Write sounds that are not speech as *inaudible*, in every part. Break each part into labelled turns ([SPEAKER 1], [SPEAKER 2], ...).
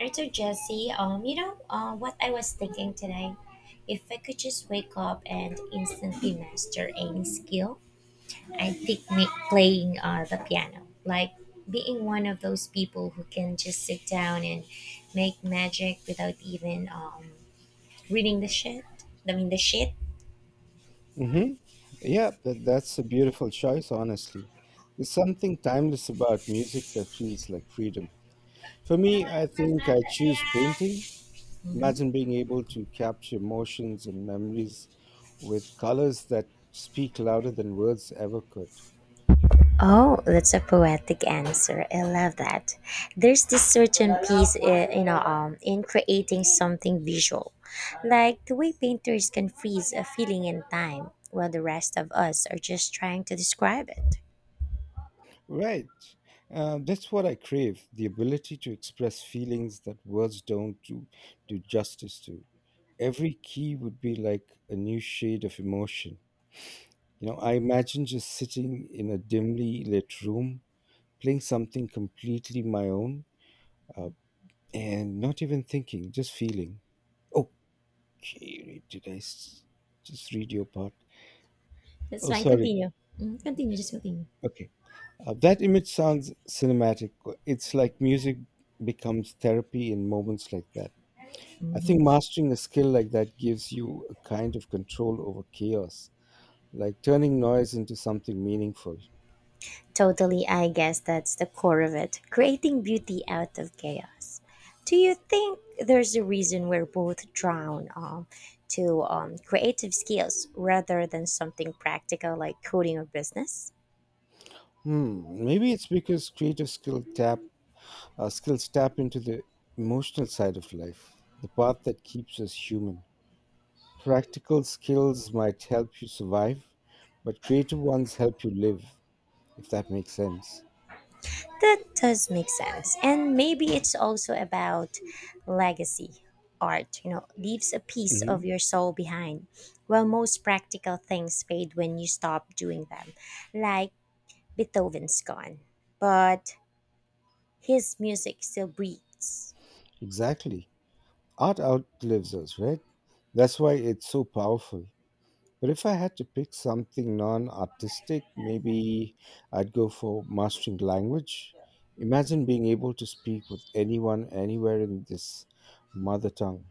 [SPEAKER 1] Right, so Jesse, what I was thinking today, if I could just wake up and instantly master any skill, I think playing the piano. Like being one of those people who can just sit down and make magic without even reading the shit. I mean, the shit.
[SPEAKER 2] Mm-hmm. Yeah, but that's a beautiful choice, honestly. There's something timeless about music that feels like freedom. For me, I think I choose painting. Imagine being able to capture emotions and memories with colors that speak louder than words ever could.
[SPEAKER 1] Oh, that's a poetic answer. I love that. There's this certain piece, in creating something visual, like the way painters can freeze a feeling in time, while the rest of us are just trying to describe it.
[SPEAKER 2] Right. That's what I crave, the ability to express feelings that words don't do justice to. Every key would be like a new shade of emotion. You know, I imagine just sitting in a dimly lit room, playing something completely my own, uh, and not even thinking, just feeling. Okay, just read your part?
[SPEAKER 1] That's
[SPEAKER 2] Oh,
[SPEAKER 1] fine.
[SPEAKER 2] sorry.
[SPEAKER 1] Continue. Mhm, continue. Just continue.
[SPEAKER 2] Okay. That image sounds cinematic. It's like music becomes therapy in moments like that. I think
[SPEAKER 1] Mm-hmm.
[SPEAKER 2] mastering a skill like that gives you a kind of control over chaos, like turning noise into something meaningful.
[SPEAKER 1] Totally, I guess that's the core of it creating beauty out of chaos. Do you think there's a reason we're both drawn to creative skills rather than something practical like coding or business?
[SPEAKER 2] Hmm, maybe it's because creative skill tap our skills tap into the emotional side of life, the part that keeps us human. Practical skills might help you survive, but creative ones help you live, if that makes sense.
[SPEAKER 1] That does make sense. And maybe it's also about legacy. Art, you know, leaves a piece
[SPEAKER 2] Hmm.
[SPEAKER 1] of your soul behind. While most practical things fade when you stop doing them, like Beethoven's gone. But his music still breathes.
[SPEAKER 2] Exactly. Art outlives us, right? That's why it's so powerful. But if I had to pick something non artistic, maybe I'd go for mastering language. Imagine being able to speak with anyone, anywhere in this mother tongue.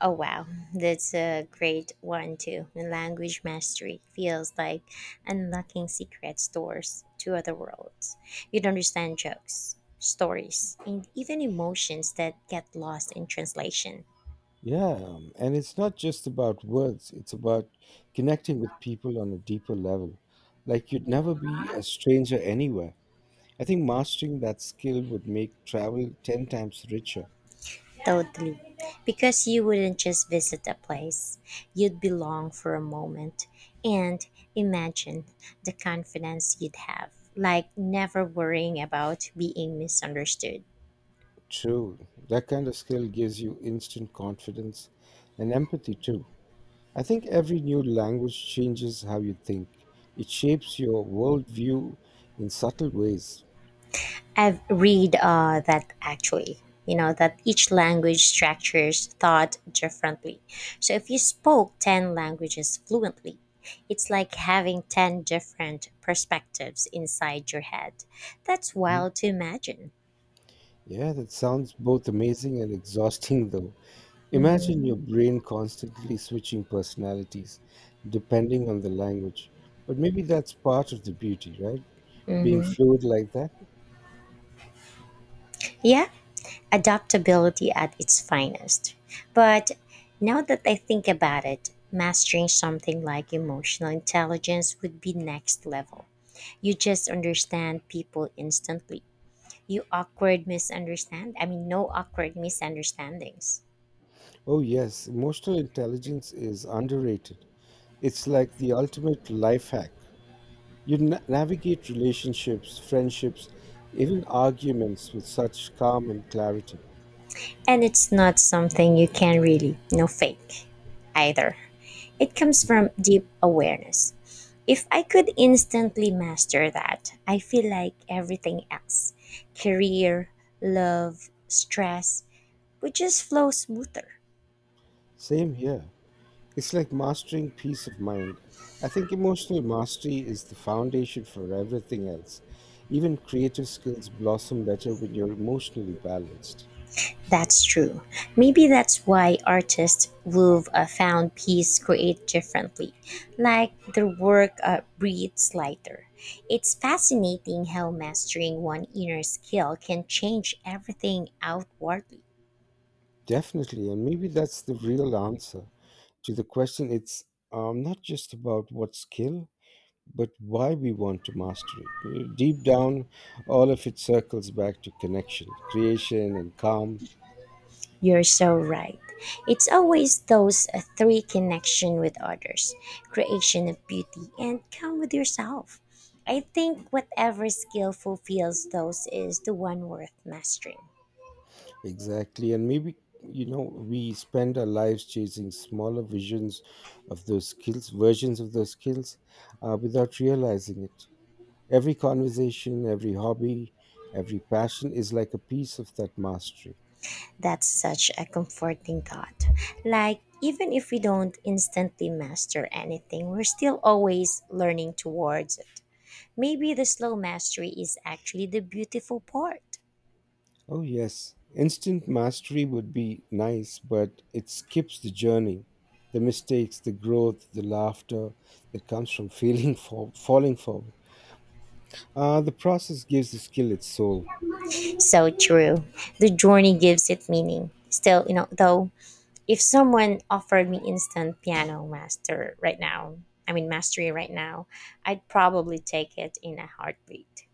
[SPEAKER 1] Oh wow, that's a great one too. And language mastery feels like unlocking secret doors to other worlds. You'd understand jokes, stories, and even emotions that get lost in translation.
[SPEAKER 2] Yeah, and it's not just about words, it's about connecting with people on a deeper level. Like you'd never be a stranger anywhere. I think mastering that skill would make travel 10 times richer.
[SPEAKER 1] Totally. Because you wouldn't just visit a place, you'd belong for a moment. And imagine the confidence you'd have, like never worrying about being misunderstood.
[SPEAKER 2] True, that kind of skill gives you instant confidence and empathy too. I think every new language changes how you think, it shapes your worldview in subtle ways.
[SPEAKER 1] I've read that actually, you know, that each language structures thought differently. So if you spoke 10 languages fluently, it's like having 10 different perspectives inside your head. That's
[SPEAKER 2] Mhm.
[SPEAKER 1] wild to imagine.
[SPEAKER 2] Yeah, that sounds both amazing and *laughs* exhausting, though. Imagine
[SPEAKER 1] Hmm.
[SPEAKER 2] your brain constantly switching personalities depending on the language. But maybe that's part of the beauty, right? Being
[SPEAKER 1] Hmm,
[SPEAKER 2] fluid like that.
[SPEAKER 1] yeah, adaptability at its finest. But now that I think about it, mastering something like emotional intelligence would be next level. You just understand people instantly. You awkward misunderstand. I mean, no awkward misunderstandings.
[SPEAKER 2] Oh, yes, emotional intelligence is underrated. It's like the ultimate life hack. You navigate relationships, friendships, even arguments with such calm and clarity.
[SPEAKER 1] And it's not something you can really, you know, fake either. It comes
[SPEAKER 2] Mhm.
[SPEAKER 1] from deep awareness. If I could instantly master that, I feel like everything else, career, love, stress, would just flow smoother.
[SPEAKER 2] Same here. It's like mastering peace of mind. I think emotional mastery is the foundation for everything else. Even creative skills blossom better when you're emotionally balanced.
[SPEAKER 1] That's true. Maybe that's why artists who've found peace create differently, like their work breathes lighter. It's fascinating how mastering one inner skill can change everything outwardly.
[SPEAKER 2] Definitely, and maybe that's the real answer to the question. It's not just about what skill, but why we want to master it. You know, deep down, all of it circles back to connection, creation, and calm.
[SPEAKER 1] You're so right. It's always those three: connection with others, creation of beauty, and come with yourself. I think whatever skill fulfills those is the one worth mastering.
[SPEAKER 2] Exactly. And maybe, you know, we spend our lives chasing smaller visions of those skills, versions of those skills, without realizing it. Every conversation, every hobby, every passion is like a piece of that mastery.
[SPEAKER 1] That's such a comforting thought. Like, even if we don't instantly master anything, we're still always learning towards it. Maybe the slow mastery is actually the beautiful part.
[SPEAKER 2] Oh, yes. Instant mastery would be nice, but it skips the journey, the mistakes, the growth, the laughter that comes from *laughs* falling forward. The process gives the skill its soul.
[SPEAKER 1] So true. The journey gives it meaning. Still, you know, though, if someone offered me instant piano master right now, I mean, mastery right now, I'd probably take it in a heartbeat.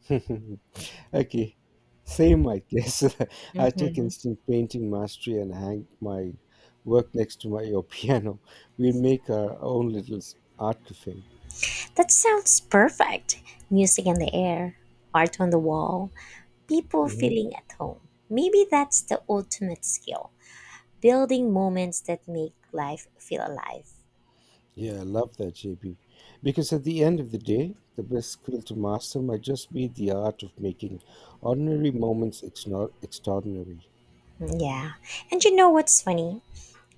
[SPEAKER 2] *laughs* Okay, same, I guess. *laughs* I take
[SPEAKER 1] Hmm.
[SPEAKER 2] instant painting mastery and hang my work next to my your *laughs* piano. We make our own art cafe.
[SPEAKER 1] That sounds perfect. Music in the air, art on the wall, people
[SPEAKER 2] Hmm.
[SPEAKER 1] feeling at home. Maybe that's the ultimate skill, building moments that make life feel alive.
[SPEAKER 2] Yeah, I love that, JB. Because at the end of the day, the best skill to master might just be the art of making ordinary moments extraordinary.
[SPEAKER 1] Mm, yeah. And you know what's funny?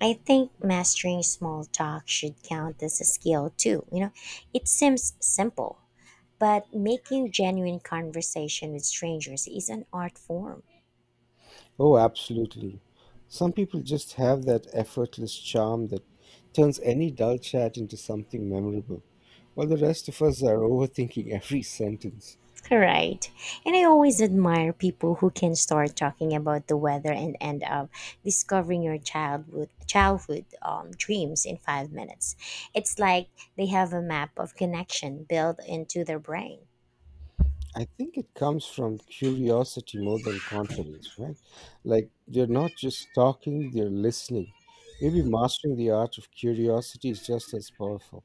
[SPEAKER 1] I think mastering small talk should count as a skill too. You know, it seems simple, but making genuine conversation with strangers is an art form.
[SPEAKER 2] Oh, absolutely. Some people just have that effortless charm that turns any dull chat into something memorable, while the rest of us are *laughs* overthinking every sentence.
[SPEAKER 1] Correct. And I always admire people who can start talking about the weather and end up discovering your childhood dreams in 5 minutes. It's like they have a map of connection built into their brain.
[SPEAKER 2] I think it comes from curiosity more than confidence, right? Like they're not just talking, they're listening. Maybe mastering the art of curiosity is just as powerful.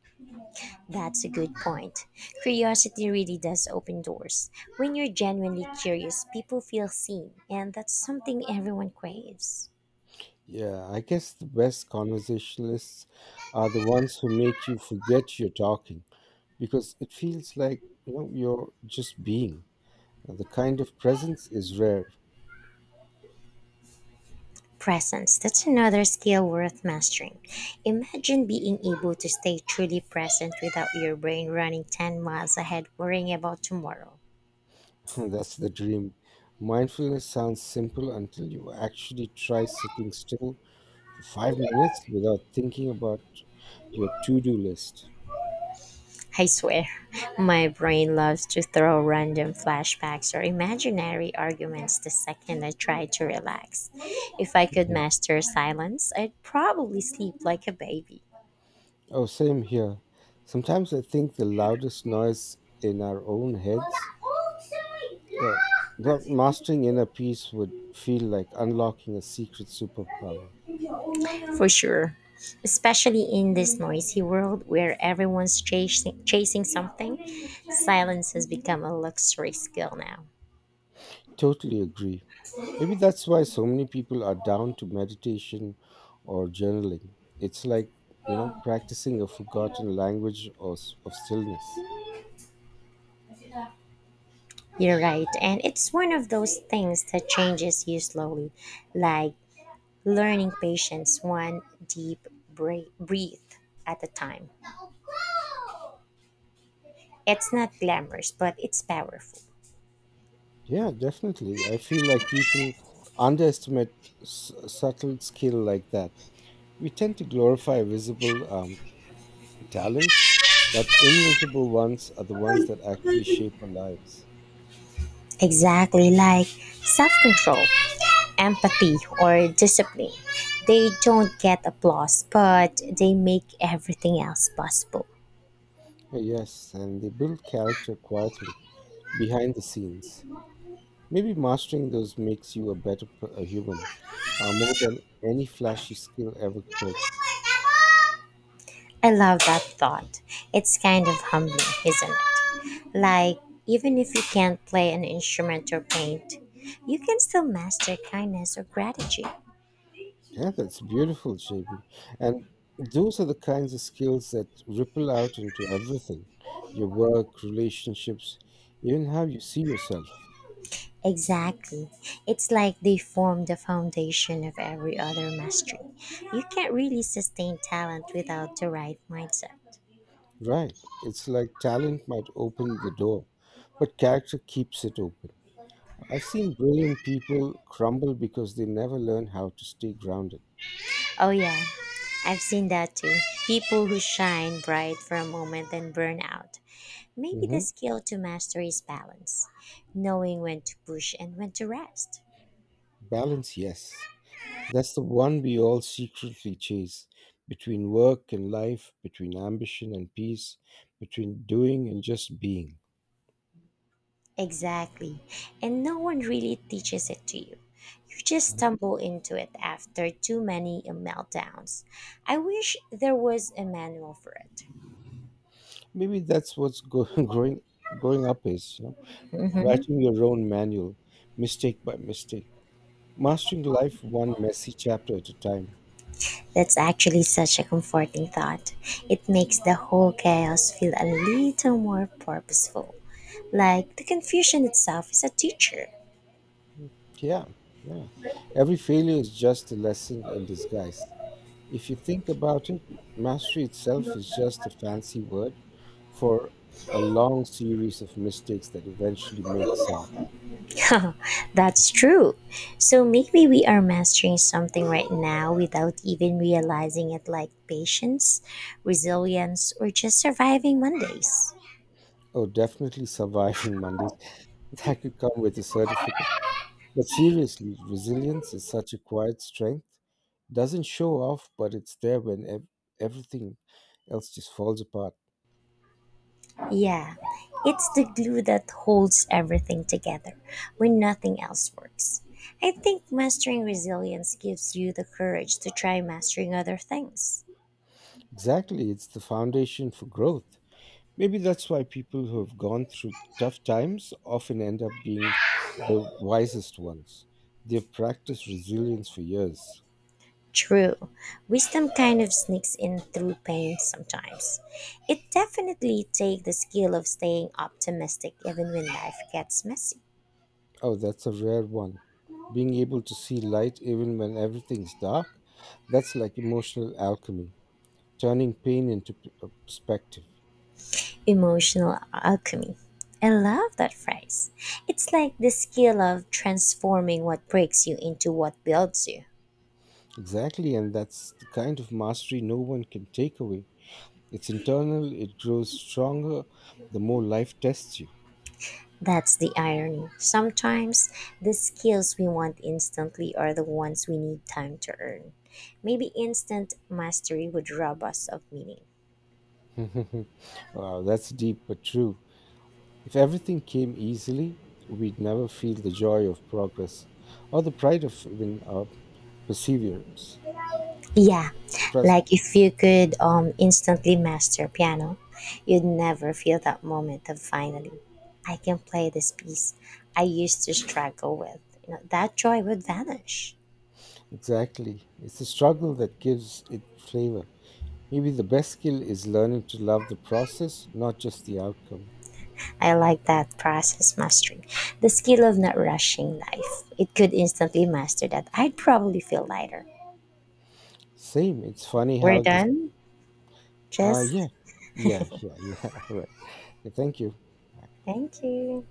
[SPEAKER 1] That's a good point. Curiosity really does open doors. When you're genuinely curious, people feel seen, and that's something everyone craves.
[SPEAKER 2] Yeah, I guess the best conversationalists are the ones who make you forget you're talking, because it feels like, you know, you're just being the kind of presence is rare.
[SPEAKER 1] Presence, that's another skill worth mastering. Imagine being able to stay truly present without your brain running 10 miles ahead worrying about tomorrow.
[SPEAKER 2] *laughs* That's the dream. Mindfulness sounds simple until you actually try sitting still for 5 minutes without thinking about your to-do list.
[SPEAKER 1] I swear, *laughs* my brain loves to throw random flashbacks or imaginary arguments the second I try to relax. If I could
[SPEAKER 2] Mhm.
[SPEAKER 1] master silence, I'd probably sleep like a baby.
[SPEAKER 2] Oh same here, sometimes I think the loudest noise in our own heads. Yeah. Well mastering inner peace would feel like unlocking a secret superpower.
[SPEAKER 1] For sure. Especially in this noisy world where everyone's chasing something, silence has become a luxury skill now.
[SPEAKER 2] Totally agree. Maybe that's why so many people are down to meditation or journaling. It's like, you know, practicing a forgotten language of stillness.
[SPEAKER 1] You're right. And it's one of those things that changes you slowly, like learning patience one deep breathe at a time. It's not glamorous, but it's powerful.
[SPEAKER 2] Yeah, definitely. I feel like people underestimate subtle skill like that. We tend to glorify visible talents, but invisible ones are the ones that actually shape our lives.
[SPEAKER 1] Exactly, like self control, empathy, or discipline. They don't get applause, but they make everything else possible.
[SPEAKER 2] Yes, and they build character quietly behind the scenes. Maybe mastering those makes you a a human, more than any flashy skill ever could.
[SPEAKER 1] I love that thought. It's kind of humbling, isn't it? Like, even if you can't play an instrument or paint, you can still master kindness or gratitude.
[SPEAKER 2] Yeah, that's beautiful, JB. And those are the kinds of skills that ripple out into everything, your work, relationships, even how you see yourself.
[SPEAKER 1] Exactly. It's like they form the foundation of every other mastery. You can't really sustain talent without the right mindset.
[SPEAKER 2] Right. It's like talent might open the door, but character keeps it open. I've seen brilliant people crumble because they never learn how to stay grounded.
[SPEAKER 1] Oh, yeah. I've seen that too. People who shine bright for a moment and burn out. Maybe the
[SPEAKER 2] Hmm.
[SPEAKER 1] skill to master is balance, knowing when to push and when to rest.
[SPEAKER 2] Balance, yes. That's the one we all secretly chase, between work and life, between ambition and peace, between doing and just being.
[SPEAKER 1] Exactly. And no one really teaches it to you. You just
[SPEAKER 2] Mhm.
[SPEAKER 1] stumble into it after too many meltdowns. I wish there was a manual for it.
[SPEAKER 2] Maybe that's *laughs* growing growing up is, you know,
[SPEAKER 1] Mhm.
[SPEAKER 2] writing your own manual, mistake by mistake, mastering life one messy chapter at a time.
[SPEAKER 1] That's actually such a comforting thought. It makes the whole chaos feel a little more purposeful. Like the confusion itself is a teacher.
[SPEAKER 2] Yeah, yeah. Every failure is just a lesson in disguise. If you think about it, mastery itself is just a fancy word for a long series of mistakes that eventually make sense.
[SPEAKER 1] *laughs* That's true. So maybe we are mastering something right now without even realizing it, like patience, resilience, or just surviving Mondays.
[SPEAKER 2] Oh, definitely surviving Mondays. *laughs* That could come with a certificate. But seriously, resilience is such a quiet strength. Doesn't show off, but it's there when everything else just falls apart.
[SPEAKER 1] Yeah, it's the glue that holds everything together when nothing else works. I think mastering resilience gives you the courage to try mastering other things.
[SPEAKER 2] Exactly, it's the foundation for growth. Maybe that's why people who have gone through tough times often end up being the wisest ones. They've practiced resilience for years.
[SPEAKER 1] True, wisdom kind of sneaks in through pain sometimes. It definitely takes the skill of staying optimistic even when life gets messy.
[SPEAKER 2] Oh, that's a rare one. Being able to see light even when everything's dark, that's like emotional alchemy, turning pain into perspective.
[SPEAKER 1] Emotional alchemy. I love that phrase. It's like the skill of transforming what breaks you into what builds you.
[SPEAKER 2] Exactly, and that's the kind of mastery no one can take away. It's internal, it grows stronger the more life tests you.
[SPEAKER 1] That's the irony. Sometimes the skills we want instantly are the ones we need time to earn. Maybe instant mastery would rob us of meaning.
[SPEAKER 2] *laughs* Wow, that's deep but true. If everything came easily, we'd never feel the joy of progress or the pride of even perseverance.
[SPEAKER 1] Yeah,
[SPEAKER 2] Trust,
[SPEAKER 1] like if you could instantly master piano, you'd never feel that moment of finally, I can play this piece I used to struggle with. You know, that joy would vanish.
[SPEAKER 2] exactly. It's the struggle that gives it flavor. Maybe the best skill is learning to love the process, not just the outcome.
[SPEAKER 1] I like that process mastery. The skill of not rushing life. It could instantly master that. I'd probably feel lighter.
[SPEAKER 2] Same. It's funny
[SPEAKER 1] We're
[SPEAKER 2] how this.
[SPEAKER 1] done?
[SPEAKER 2] Yeah,
[SPEAKER 1] Jess,
[SPEAKER 2] *laughs* yeah. Right. Okay, thank you.
[SPEAKER 1] thank you.